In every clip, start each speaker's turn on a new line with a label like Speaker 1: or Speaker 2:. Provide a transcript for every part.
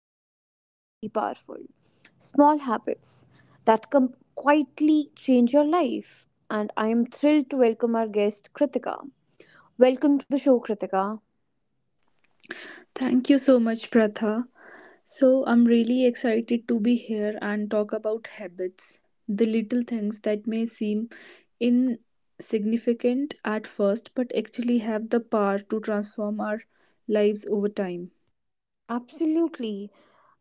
Speaker 1: but incredibly powerful small habits that can quietly change your life. And I am thrilled to welcome our guest, Kritika. Welcome to the show, Kritika.
Speaker 2: Thank you so much, Pratha. I'm really excited to be here and talk about habits, the little things that may seem insignificant at first, but actually have the power to transform our lives over time.
Speaker 1: Absolutely.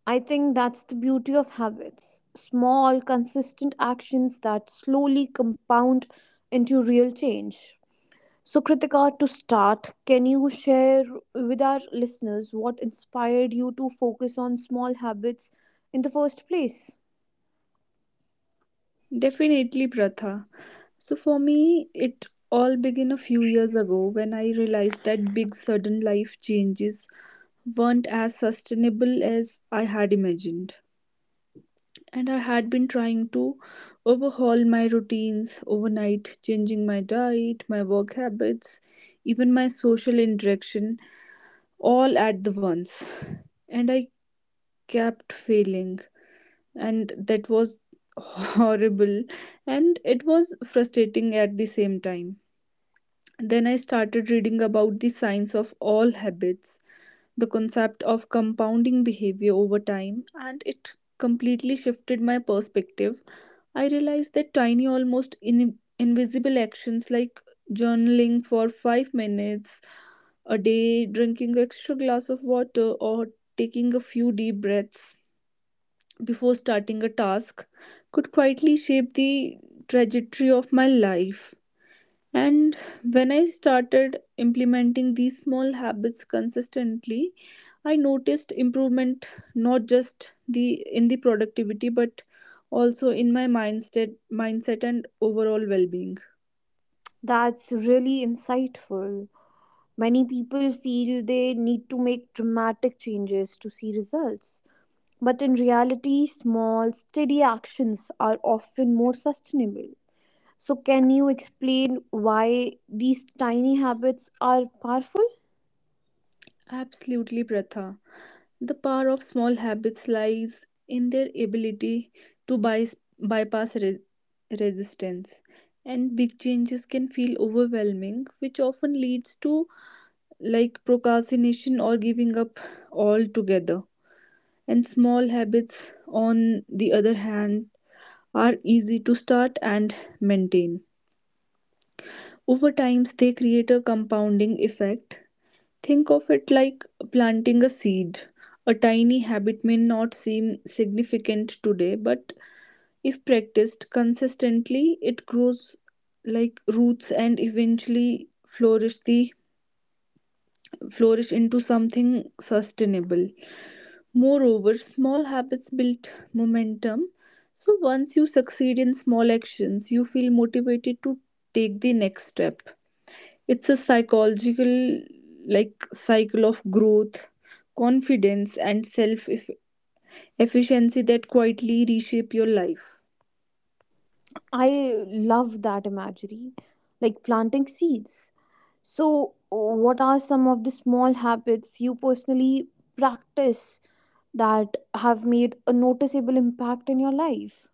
Speaker 1: I think that's the beauty of habits small, consistent actions that slowly compound into real change. So, Kritika, to start, can you share with our listeners what inspired you to focus on small habits in the first place?
Speaker 2: Definitely, Pratha. So, for me, it all began a few years ago when I realized that big sudden life changes weren't as sustainable as I had imagined, and I had been trying to overhaul my routines overnight, changing my diet, my work habits, even my social interaction, all at the once. And I kept failing, and that was horrible and it was frustrating at the same time. Then I started reading about the science of all habits, the concept of compounding behavior over time, and it completely shifted my perspective. I realized that tiny, almost invisible actions like journaling for 5 minutes a day, drinking an extra glass of water, or taking a few deep breaths before starting a task could quietly shape the trajectory of my life. And when I started implementing these small habits consistently, I noticed improvement not just the in the productivity but also in my mindset and overall well-being.
Speaker 1: That's really insightful. Many people feel they need to make dramatic changes to see results. But in reality, small, steady actions are often more sustainable. So, can you explain why these tiny habits are powerful?
Speaker 2: Absolutely, Pratha. The power of small habits lies in their ability to bypass resistance, and big changes can feel overwhelming, which often leads to like procrastination or giving up altogether. And small habits, on the other hand, are easy to start and maintain. Over time, they create a compounding effect. Think of it like planting a seed. A tiny habit may not seem significant today, but if practiced consistently, it grows like roots and eventually flourish into something sustainable. Moreover, small habits build momentum. So once you succeed in small actions, you feel motivated to take the next step. It's a psychological, like, cycle of growth, confidence, and self efficiency that quietly reshape your life.
Speaker 1: I love that imagery, like planting seeds. So, what are some of the small habits you personally practice that have made a noticeable impact in your life?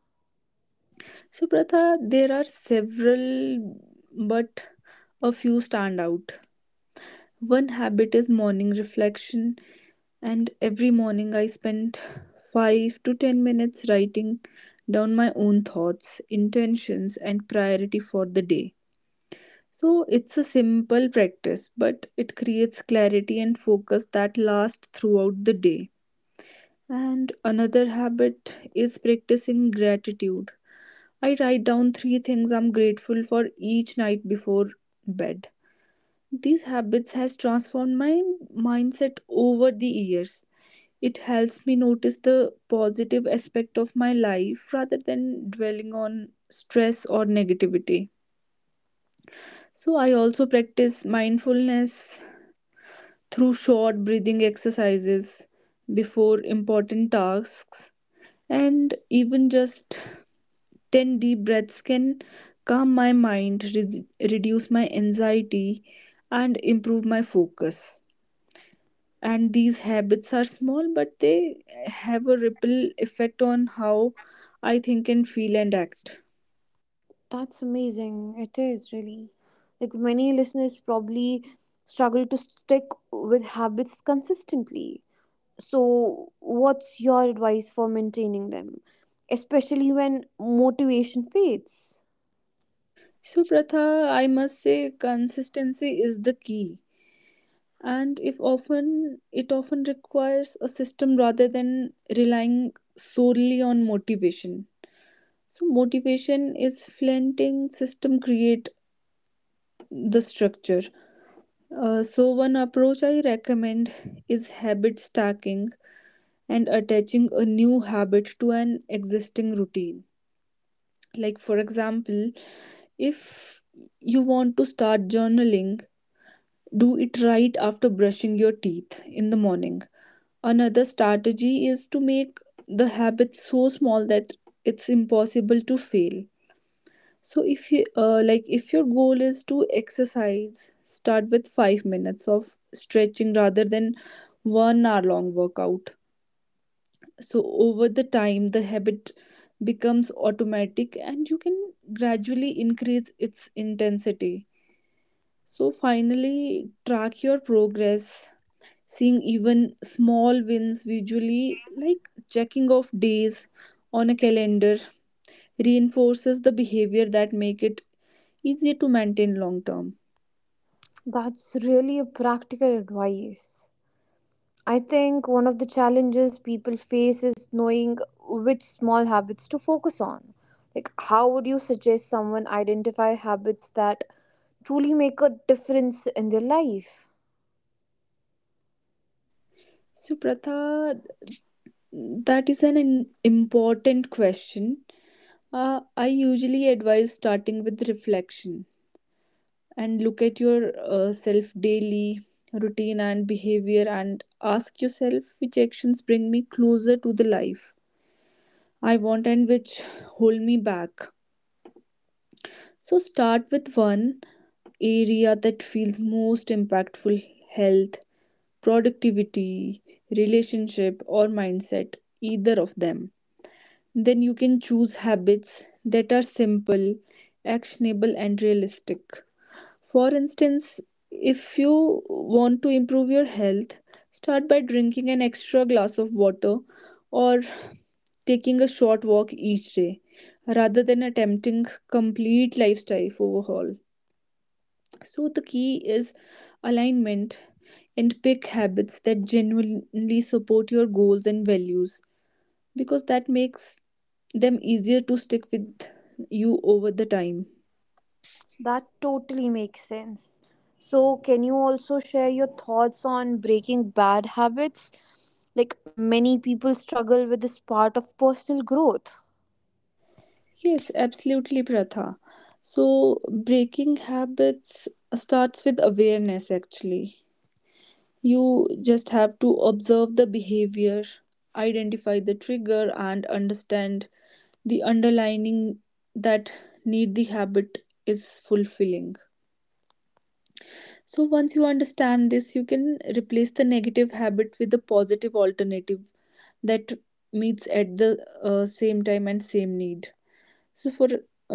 Speaker 2: So, Pratha, there are several, but a few stand out. One habit is morning reflection, and every morning I spend 5 to 10 minutes writing down my own thoughts, intentions, and priority for the day. So it's a simple practice, but it creates clarity and focus that lasts throughout the day. And another habit is practicing gratitude. I write down three things I'm grateful for each night before bed. These habits has transformed my mindset over the years. It helps me notice the positive aspect of my life rather than dwelling on stress or negativity. So I also practice mindfulness through short breathing exercises before important tasks, and even just 10 deep breaths can calm my mind, reduce my anxiety and improve my focus, and these habits are small but they have a ripple effect on how I think and feel and act.
Speaker 1: That's amazing. It is really. Like many listeners probably struggle to stick with habits consistently. So, what's your advice for maintaining them, especially when motivation fades?
Speaker 2: So, Pratha, I must say consistency is the key, and if often it often requires a system rather than relying solely on motivation. So motivation is flinting, system create the structure. So one approach I recommend is habit stacking and attaching a new habit to an existing routine, like, for example, if you want to start journaling, do it right after brushing your teeth in the morning. Another strategy is to make the habit so small that it's impossible to fail. So if you like, if your goal is to exercise, start with 5 minutes of stretching rather than 1 hour long workout. So over the time the habit becomes automatic and you can gradually increase its intensity. So finally, track your progress. Seeing even small wins visually, like checking off days on a calendar, reinforces the behavior that make it easier to maintain long term.
Speaker 1: That's really a practical advice. I think one of the challenges people face is knowing which small habits to focus on. Like, how would you suggest someone identify habits that truly make a difference in their life?
Speaker 2: So, Pratha, that is an important question. I usually advise starting with reflection and look at your self daily routine and behavior and ask yourself which actions bring me closer to the life I want and which hold me back. So start with one area that feels most impactful, health, productivity, relationship, or mindset, either of them. Then you can choose habits that are simple, actionable, and realistic. For instance, if you want to improve your health, start by drinking an extra glass of water or taking a short walk each day rather than attempting complete lifestyle overhaul. So, the key is alignment, and pick habits that genuinely support your goals and values, because that makes them easier to stick with you over the time.
Speaker 1: That totally makes sense. So, can you also share your thoughts on breaking bad habits? Like, many people struggle with this part of personal growth.
Speaker 2: Yes, absolutely, Pratha. So, breaking habits starts with awareness actually. You just have to observe the behavior, identify the trigger, and understand the underlining that need the habit is fulfilling. So, once you understand this, you can replace the negative habit with a positive alternative that meets at the same time and same need. So,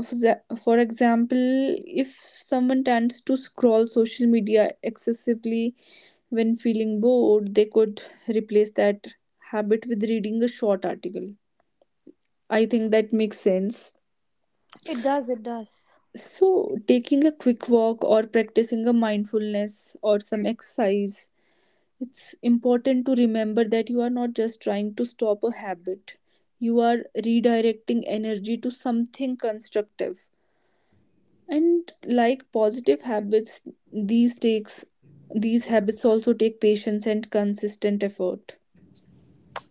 Speaker 2: for for example, if someone tends to scroll social media excessively when feeling bored, they could replace that habit with reading a short article. I think that makes sense.
Speaker 1: It does, it does.
Speaker 2: So, taking a quick walk or practicing a mindfulness or some exercise, it's important to remember that you are not just trying to stop a habit, you are redirecting energy to something constructive, and like positive habits, these takes these habits also take patience and consistent effort.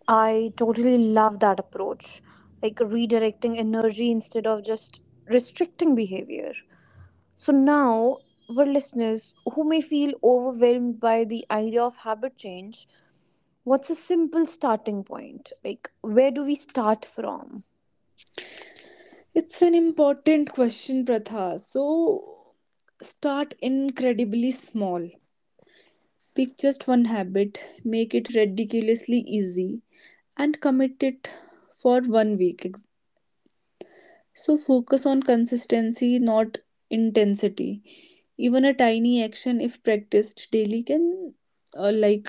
Speaker 1: I totally love that approach, like redirecting energy instead of just restricting behavior. So, now, for listeners who may feel overwhelmed by the idea of habit change, what's a simple starting point? Like, where do we start from?
Speaker 2: It's an important question, Pratha. So start incredibly small, pick just one habit, make it ridiculously easy, and commit it for 1 week. So focus on consistency, not intensity. Even a tiny action, if practiced daily, can like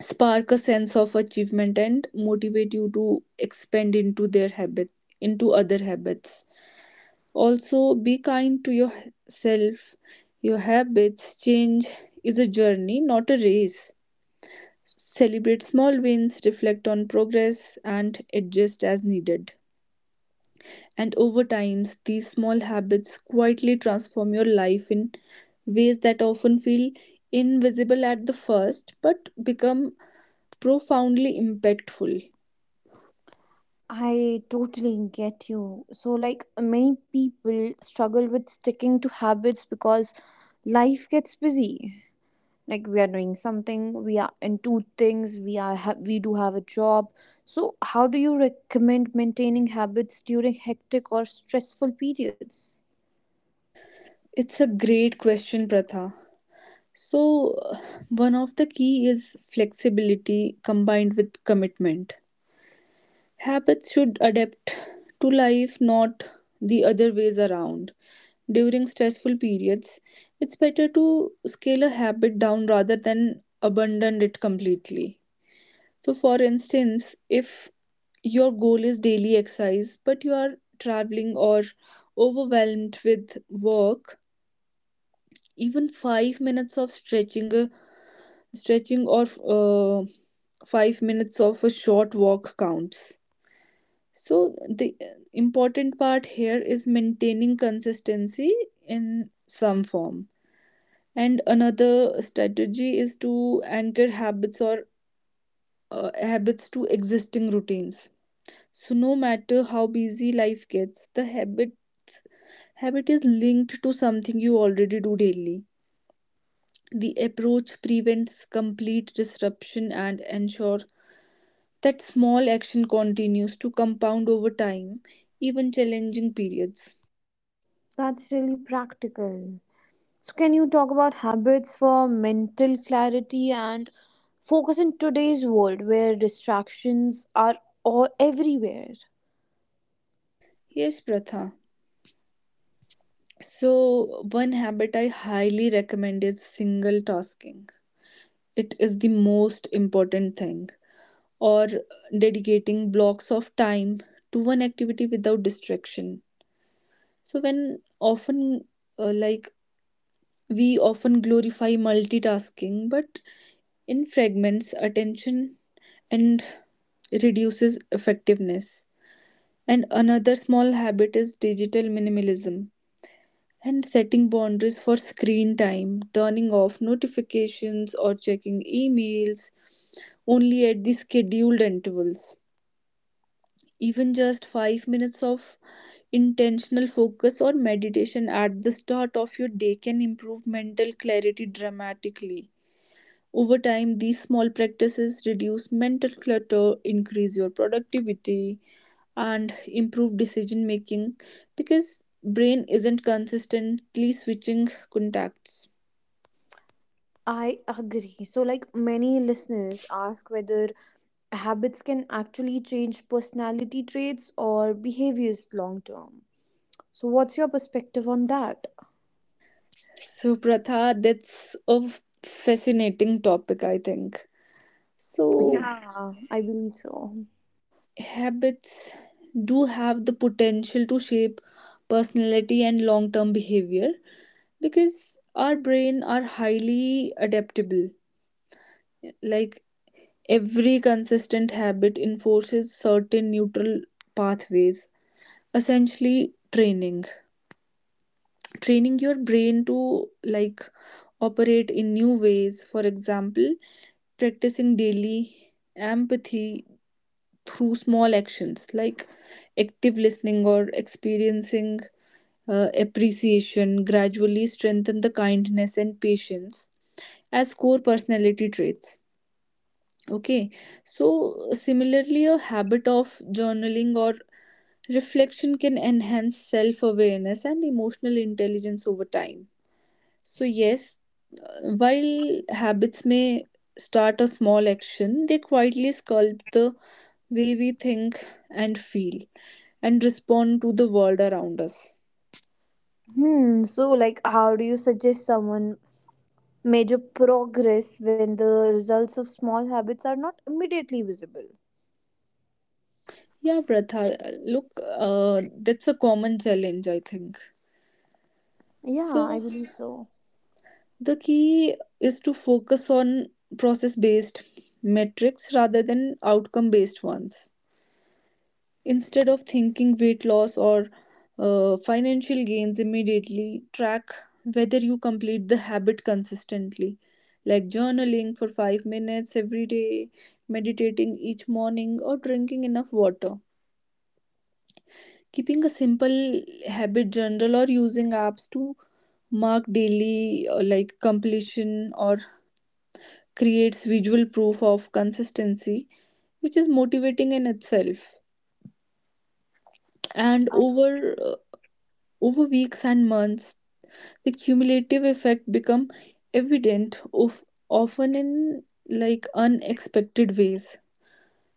Speaker 2: spark a sense of achievement and motivate you to expand into their habit into other habits. Also, be kind to yourself. Your habits change is a journey, not a race. Celebrate small wins, reflect on progress, and adjust as needed. And over time, these small habits quietly transform your life in ways that often feel invisible at the first but become profoundly impactful.
Speaker 1: I totally get you. So, like many people struggle with sticking to habits because life gets busy. Like we are doing something, we are into things, we do have a job. So, how do you recommend maintaining habits during hectic or stressful periods?
Speaker 2: It's a great question, Pratha. So, one of the key is flexibility combined with commitment. Habits should adapt to life, not the other ways around. During stressful periods, it's better to scale a habit down rather than abandon it completely. So, for instance, if your goal is daily exercise, but you are traveling or overwhelmed with work, even 5 minutes of stretching or 5 minutes of a short walk counts. So the important part here is maintaining consistency in some form. And another strategy is to anchor habits or habits to existing routines. So no matter how busy life gets, the habit is linked to something you already do daily. The approach prevents complete disruption and ensure that small action continues to compound over time, even challenging periods.
Speaker 1: That's really practical. So, can you talk about habits for mental clarity and focus in today's world where distractions are all everywhere?
Speaker 2: Yes, Pratha. So, one habit I highly recommend is single tasking. It is the most important thing, or dedicating blocks of time to one activity without distraction. So, uh, like, we often glorify multitasking, but in fragments, attention and reduces effectiveness. And another small habit is digital minimalism, and setting boundaries for screen time, turning off notifications or checking emails only at the scheduled intervals. Even just 5 minutes of intentional focus or meditation at the start of your day can improve mental clarity dramatically. Over time, these small practices reduce mental clutter, increase your productivity, and improve decision making because brain isn't consistently switching contacts.
Speaker 1: I agree. So, like many listeners ask whether habits can actually change personality traits or behaviors long term. So, what's your perspective on that?
Speaker 2: So, Pratha, that's a fascinating topic, I think. So
Speaker 1: Yeah, I believe so.
Speaker 2: habits do have the potential to shape personality and long term behavior because our brain are highly adaptable. Like, every consistent habit enforces certain neutral pathways, essentially training your brain to like operate in new ways. For example, practicing daily empathy through small actions like active listening or experiencing appreciation gradually strengthen the kindness and patience as core personality traits. Okay, so similarly, a habit of journaling or reflection can enhance self awareness and emotional intelligence over time. So, yes, while habits may start a small action, they quietly sculpt the way we think and feel and respond to the world around us.
Speaker 1: Hmm. So, like, how do you suggest someone major progress when the results of small habits are not immediately visible?
Speaker 2: Yeah, Pratha, look, that's a common challenge, I think.
Speaker 1: Yeah, I
Speaker 2: So,
Speaker 1: believe so.
Speaker 2: the key is to focus on process based metrics rather than outcome based ones. Instead of thinking weight loss or financial gains immediately, track whether you complete the habit consistently, like journaling for 5 minutes every day, meditating each morning, or drinking enough water. Keeping a simple habit journal or using apps to mark daily like completion or creates visual proof of consistency, which is motivating in itself. And
Speaker 1: I.
Speaker 2: over weeks and months, the cumulative effect become evident of often in like unexpected ways,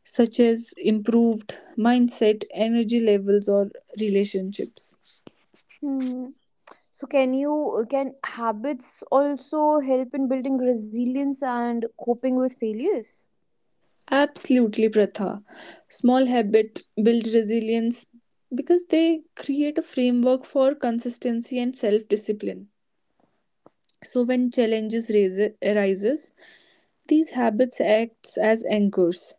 Speaker 2: such as improved mindset, energy levels, or relationships.
Speaker 1: Hmm. So can habits also help in building resilience and coping with failures?
Speaker 2: Absolutely, Pratha. Small habit build resilience because they create a framework for consistency and self discipline. So when arises, these habits acts as anchors,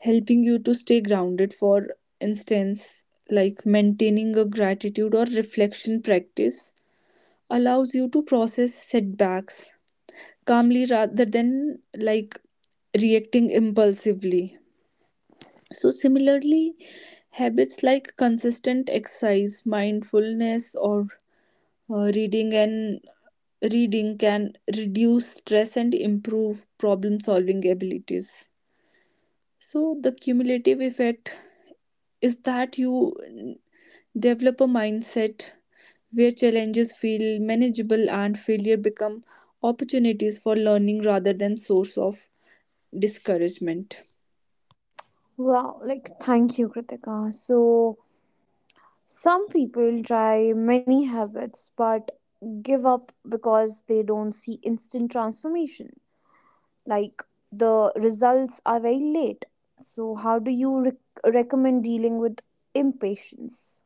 Speaker 2: helping you to stay grounded. For instance, like maintaining a gratitude or reflection practice allows you to process setbacks calmly rather than like reacting impulsively. So similarly, habits like consistent exercise, mindfulness or reading and reading can reduce stress and improve problem solving abilities. So, the cumulative effect is that you develop a mindset where challenges feel manageable and failure become opportunities for learning rather than source of discouragement.
Speaker 1: Wow, like thank you, Kritika. So some people try many habits but give up because they don't see instant transformation. Like the results are very late. So how do you recommend dealing with impatience?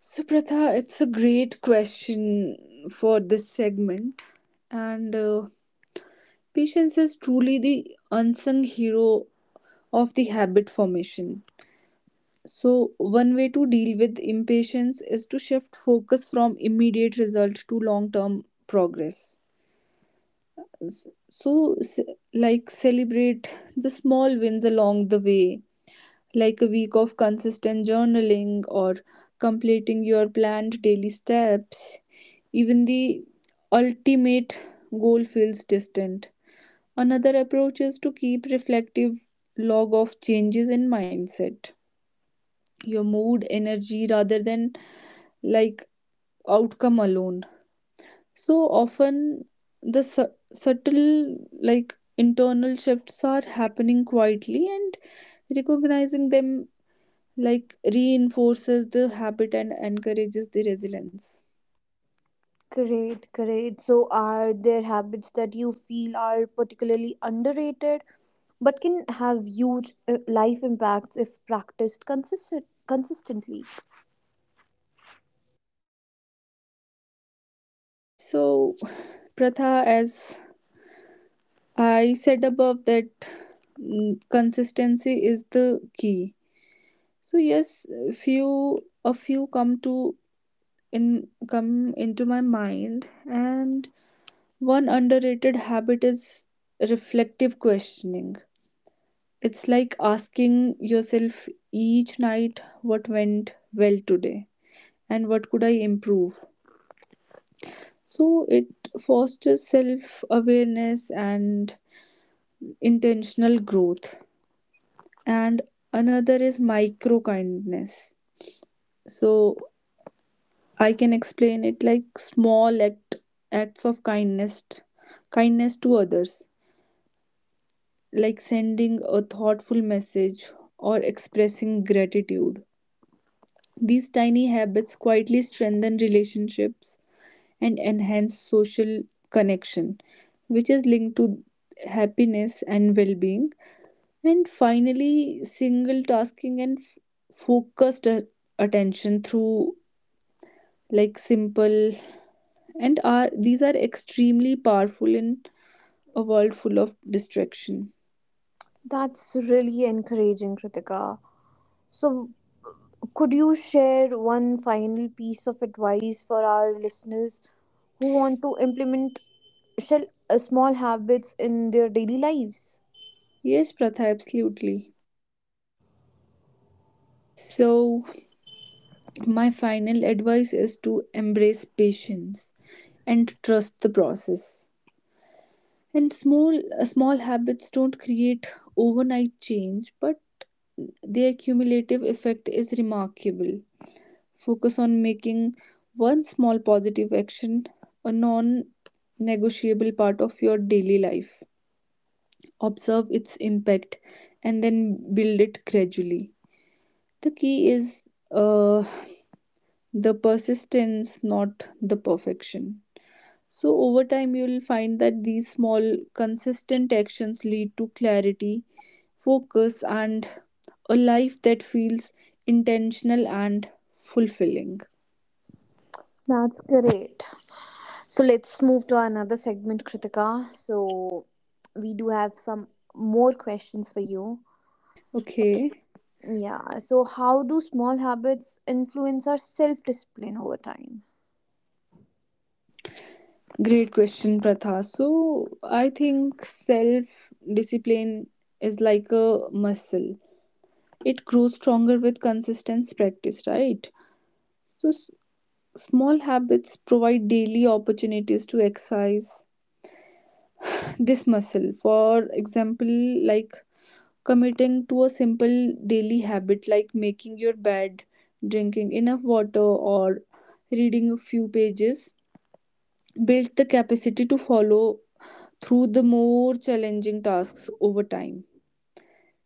Speaker 2: So, Pratha, it's a great question for this segment, and patience is truly the unsung hero of the habit formation. So, one way to deal with impatience is to shift focus from immediate result to long term progress. So, s- like celebrate the small wins along the way, like a week of consistent journaling or completing your planned daily steps. Even the ultimate goal feels distant. Another approach is to keep reflective log of changes in mindset your mood, energy rather than like outcome alone. So often the subtle like internal shifts are happening quietly and recognizing them like reinforces the habit and encourages the resilience.
Speaker 1: Great, great. So are there habits that you feel are particularly underrated? But can have huge life impacts if practiced consistently.
Speaker 2: So Pratha, as I said above that consistency is the key. So yes, few a few come to in come into my mind, and one underrated habit is reflective questioning. It's like asking yourself each night what went well today and what could I improve, so it fosters self awareness and intentional growth. And another is micro kindness. So I can explain it like acts of kindness, kindness to others, like sending a thoughtful message or expressing gratitude. These tiny habits quietly strengthen relationships and enhance social connection, which is linked to happiness and well being. And finally, single tasking and focused attention through like simple and are these are extremely powerful in a world full of distraction.
Speaker 1: That's really encouraging, Kritika. So, could you share one final piece of advice for our listeners who want to implement small habits in their daily lives?
Speaker 2: Yes, Pratha, absolutely. So, my final advice is to embrace patience and trust the process. And small small habits don't create overnight change, but their cumulative effect is remarkable. Focus on making one small positive action a non-negotiable part of your daily life. Observe its impact and then build it gradually. The key is uh, the persistence, not the perfection. So, over time, you'll find that these small, consistent actions lead to clarity, focus, and a life that feels intentional and fulfilling.
Speaker 1: That's great. So, let's move to another segment, Kritika. So, we do have some more questions for you.
Speaker 2: Okay,
Speaker 1: Yeah, so how do small habits influence our self discipline over time?
Speaker 2: great question, Pratha. So, I think self discipline is like a muscle, it grows stronger with consistent practice, right? So, small habits provide daily opportunities to exercise this muscle. For example, like committing to a simple daily habit like making your bed, drinking enough water, or reading a few pages build the capacity to follow through the more challenging tasks over time.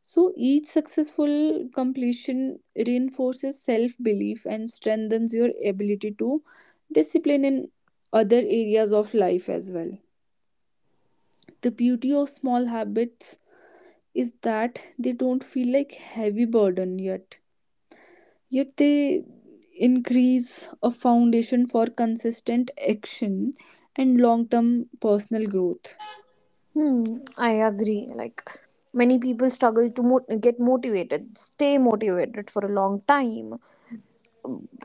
Speaker 2: So each successful completion reinforces self belief and strengthens your ability to discipline in other areas of life as well. The beauty of small habits is that they don't feel like heavy burden yet. Yet they increase a foundation for consistent action and long-term personal growth.
Speaker 1: Hmm, I agree. Like many people struggle to get motivated, stay motivated for a long time.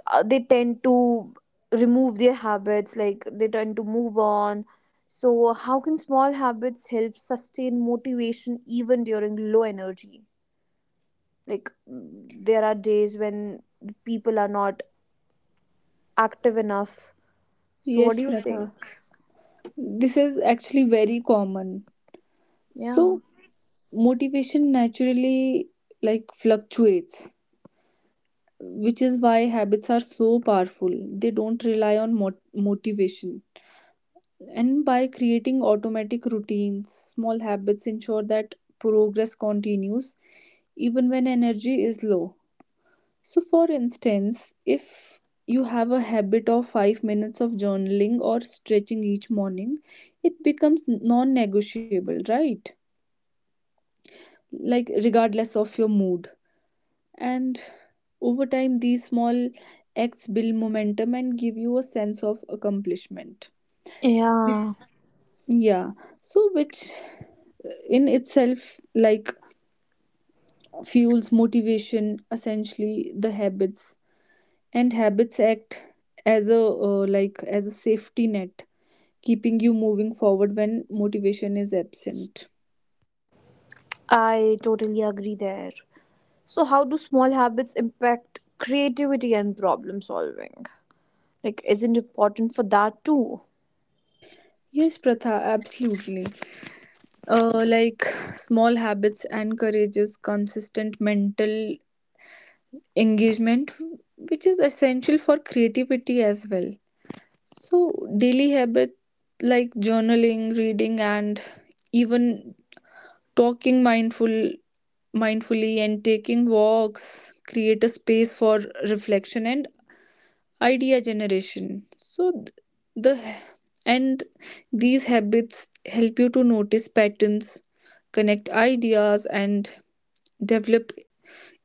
Speaker 1: They tend to remove their habits, like they tend to move on. So, how can small habits help sustain motivation even during low energy? Like, there are days when people are not active enough. So, what
Speaker 2: Yes,
Speaker 1: do you think?
Speaker 2: Pratha. This is actually very common.
Speaker 1: Yeah.
Speaker 2: So motivation naturally like fluctuates, which is why habits are so powerful. They don't rely on motivation. And by creating automatic routines, small habits ensure that progress continues even when energy is low. So, for instance, if you have a habit of 5 minutes of journaling or stretching each morning, it becomes non negotiable, right? Like, regardless of your mood. And over time, these small acts build momentum and give you a sense of accomplishment.
Speaker 1: Yeah,
Speaker 2: Yeah, so which in itself like fuels motivation, essentially the habits. And habits act as a like as a safety net, keeping you moving forward when motivation is absent.
Speaker 1: I totally agree there. So, how do small habits impact creativity and problem solving? Like, isn't important for that too?
Speaker 2: Yes, Pratha, absolutely. Like small habits encourages consistent mental engagement, which is essential for creativity as well. So daily habits like journaling, reading, and even talking mindfully and taking walks create a space for reflection and idea generation. So the and these habits help you to notice patterns, connect ideas, and develop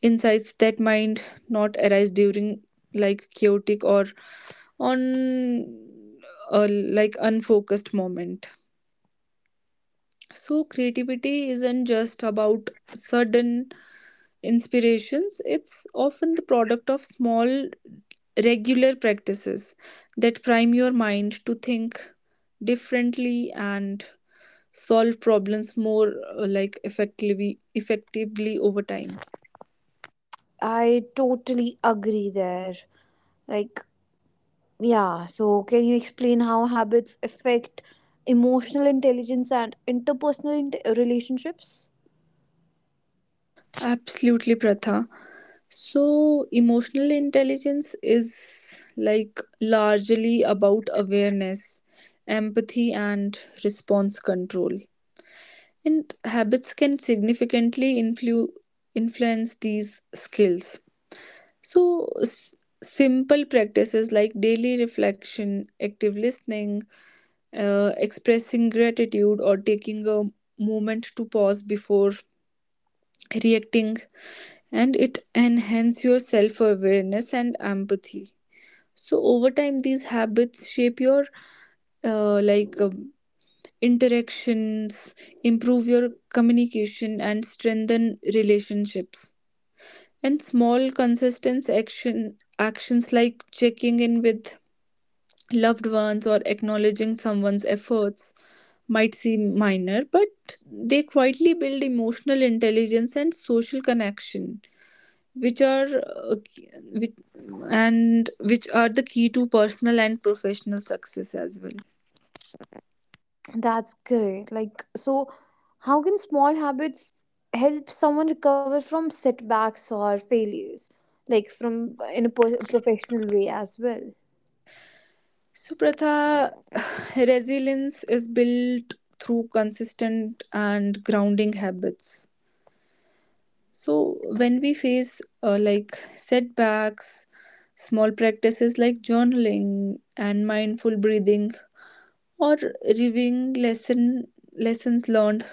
Speaker 2: insights that might not arise during like chaotic or on a like unfocused moment. So creativity isn't just about sudden inspirations, it's often the product of small regular practices that prime your mind to think differently and solve problems more like effectively over time.
Speaker 1: I totally agree there. Like, yeah, so can you explain how habits affect emotional intelligence and interpersonal relationships?
Speaker 2: Absolutely, Pratha. So, emotional intelligence is like largely about awareness, empathy, and response control. And habits can significantly influence these skills. So, simple practices like daily reflection, active listening, expressing gratitude, or taking a moment to pause before reacting, and it enhance your self awareness and empathy. So over time, these habits shape your uh, like um, interactions, improve your communication, and strengthen relationships. And small, consistent actions like checking in with loved ones or acknowledging someone's efforts might seem minor, but they quietly build emotional intelligence and social connection, which are which are the key to personal and professional success as well.
Speaker 1: That's great. Like, so how can small habits help someone recover from setbacks or failures? Like, from in a professional way as well.
Speaker 2: So Pratha, resilience is built through consistent and grounding habits. So when we face like setbacks, small practices like journaling and mindful breathing or reviewing lessons learned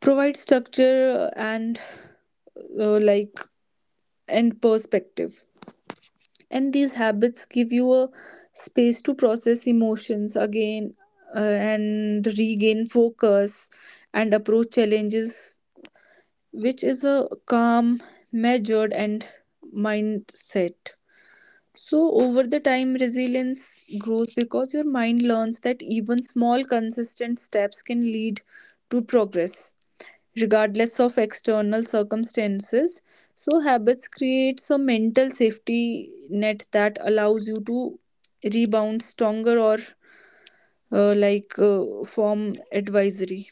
Speaker 2: provide structure and uh, like and perspective. And these habits give you a space to process emotions again and regain focus and approach challenges, which is a calm, measured, and mindset. So, over the time, resilience grows because your mind learns that even small, consistent steps can lead to progress regardless of external circumstances. So, habits creates a mental safety net that allows you to rebound stronger or form advisory.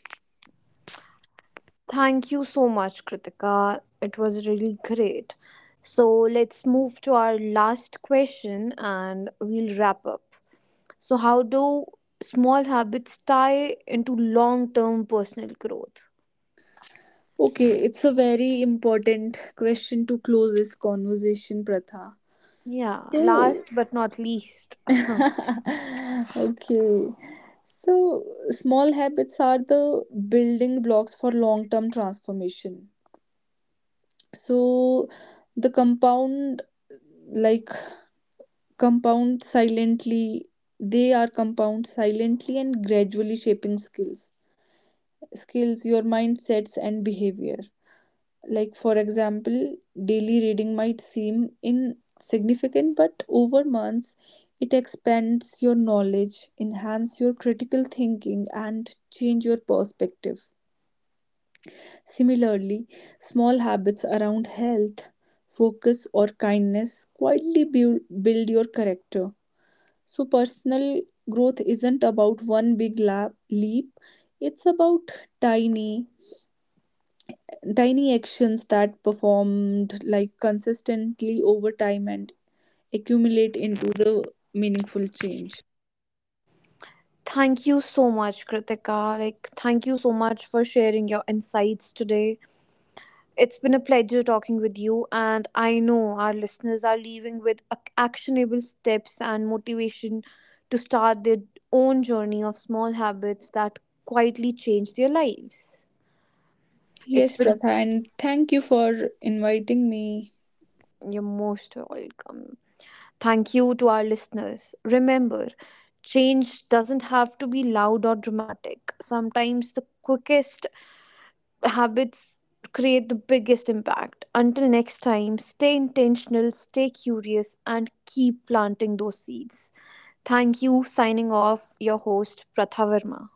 Speaker 1: Thank you so much, Kritika. It was really great. So, let's move to our last question and we'll wrap up. So, how do small habits tie into long term personal growth?
Speaker 2: Okay, it's a very important question to close this conversation, Pratha.
Speaker 1: Yeah,
Speaker 2: So,
Speaker 1: last but not least.
Speaker 2: okay. So, small habits are the building blocks for long term transformation. So the compound like compound silently, they are compound silently and gradually shaping skills, your mindsets and behavior. Like for example, daily reading might seem insignificant, but over months it expands your knowledge, enhance your critical thinking, and change your perspective. Similarly, small habits around health, focus, or kindness quietly build your character. So, personal growth isn't about one leap, it's about tiny, tiny actions that performed like consistently over time and accumulate into the meaningful change.
Speaker 1: Thank you so much, Kritika. Like, thank you so much for sharing your insights today. It's been a pleasure talking with you, and I know our listeners are leaving with actionable steps and motivation to start their own journey of small habits that quietly change their lives. It's
Speaker 2: Yes,
Speaker 1: been
Speaker 2: Pratha, and thank you for inviting me.
Speaker 1: you're most welcome. Thank you to our listeners. Remember, change doesn't have to be loud or dramatic. Sometimes the quickest habits create the biggest impact. Until next time, stay intentional, stay curious, and keep planting those seeds. Thank you. Signing off, your host, Pratha Verma.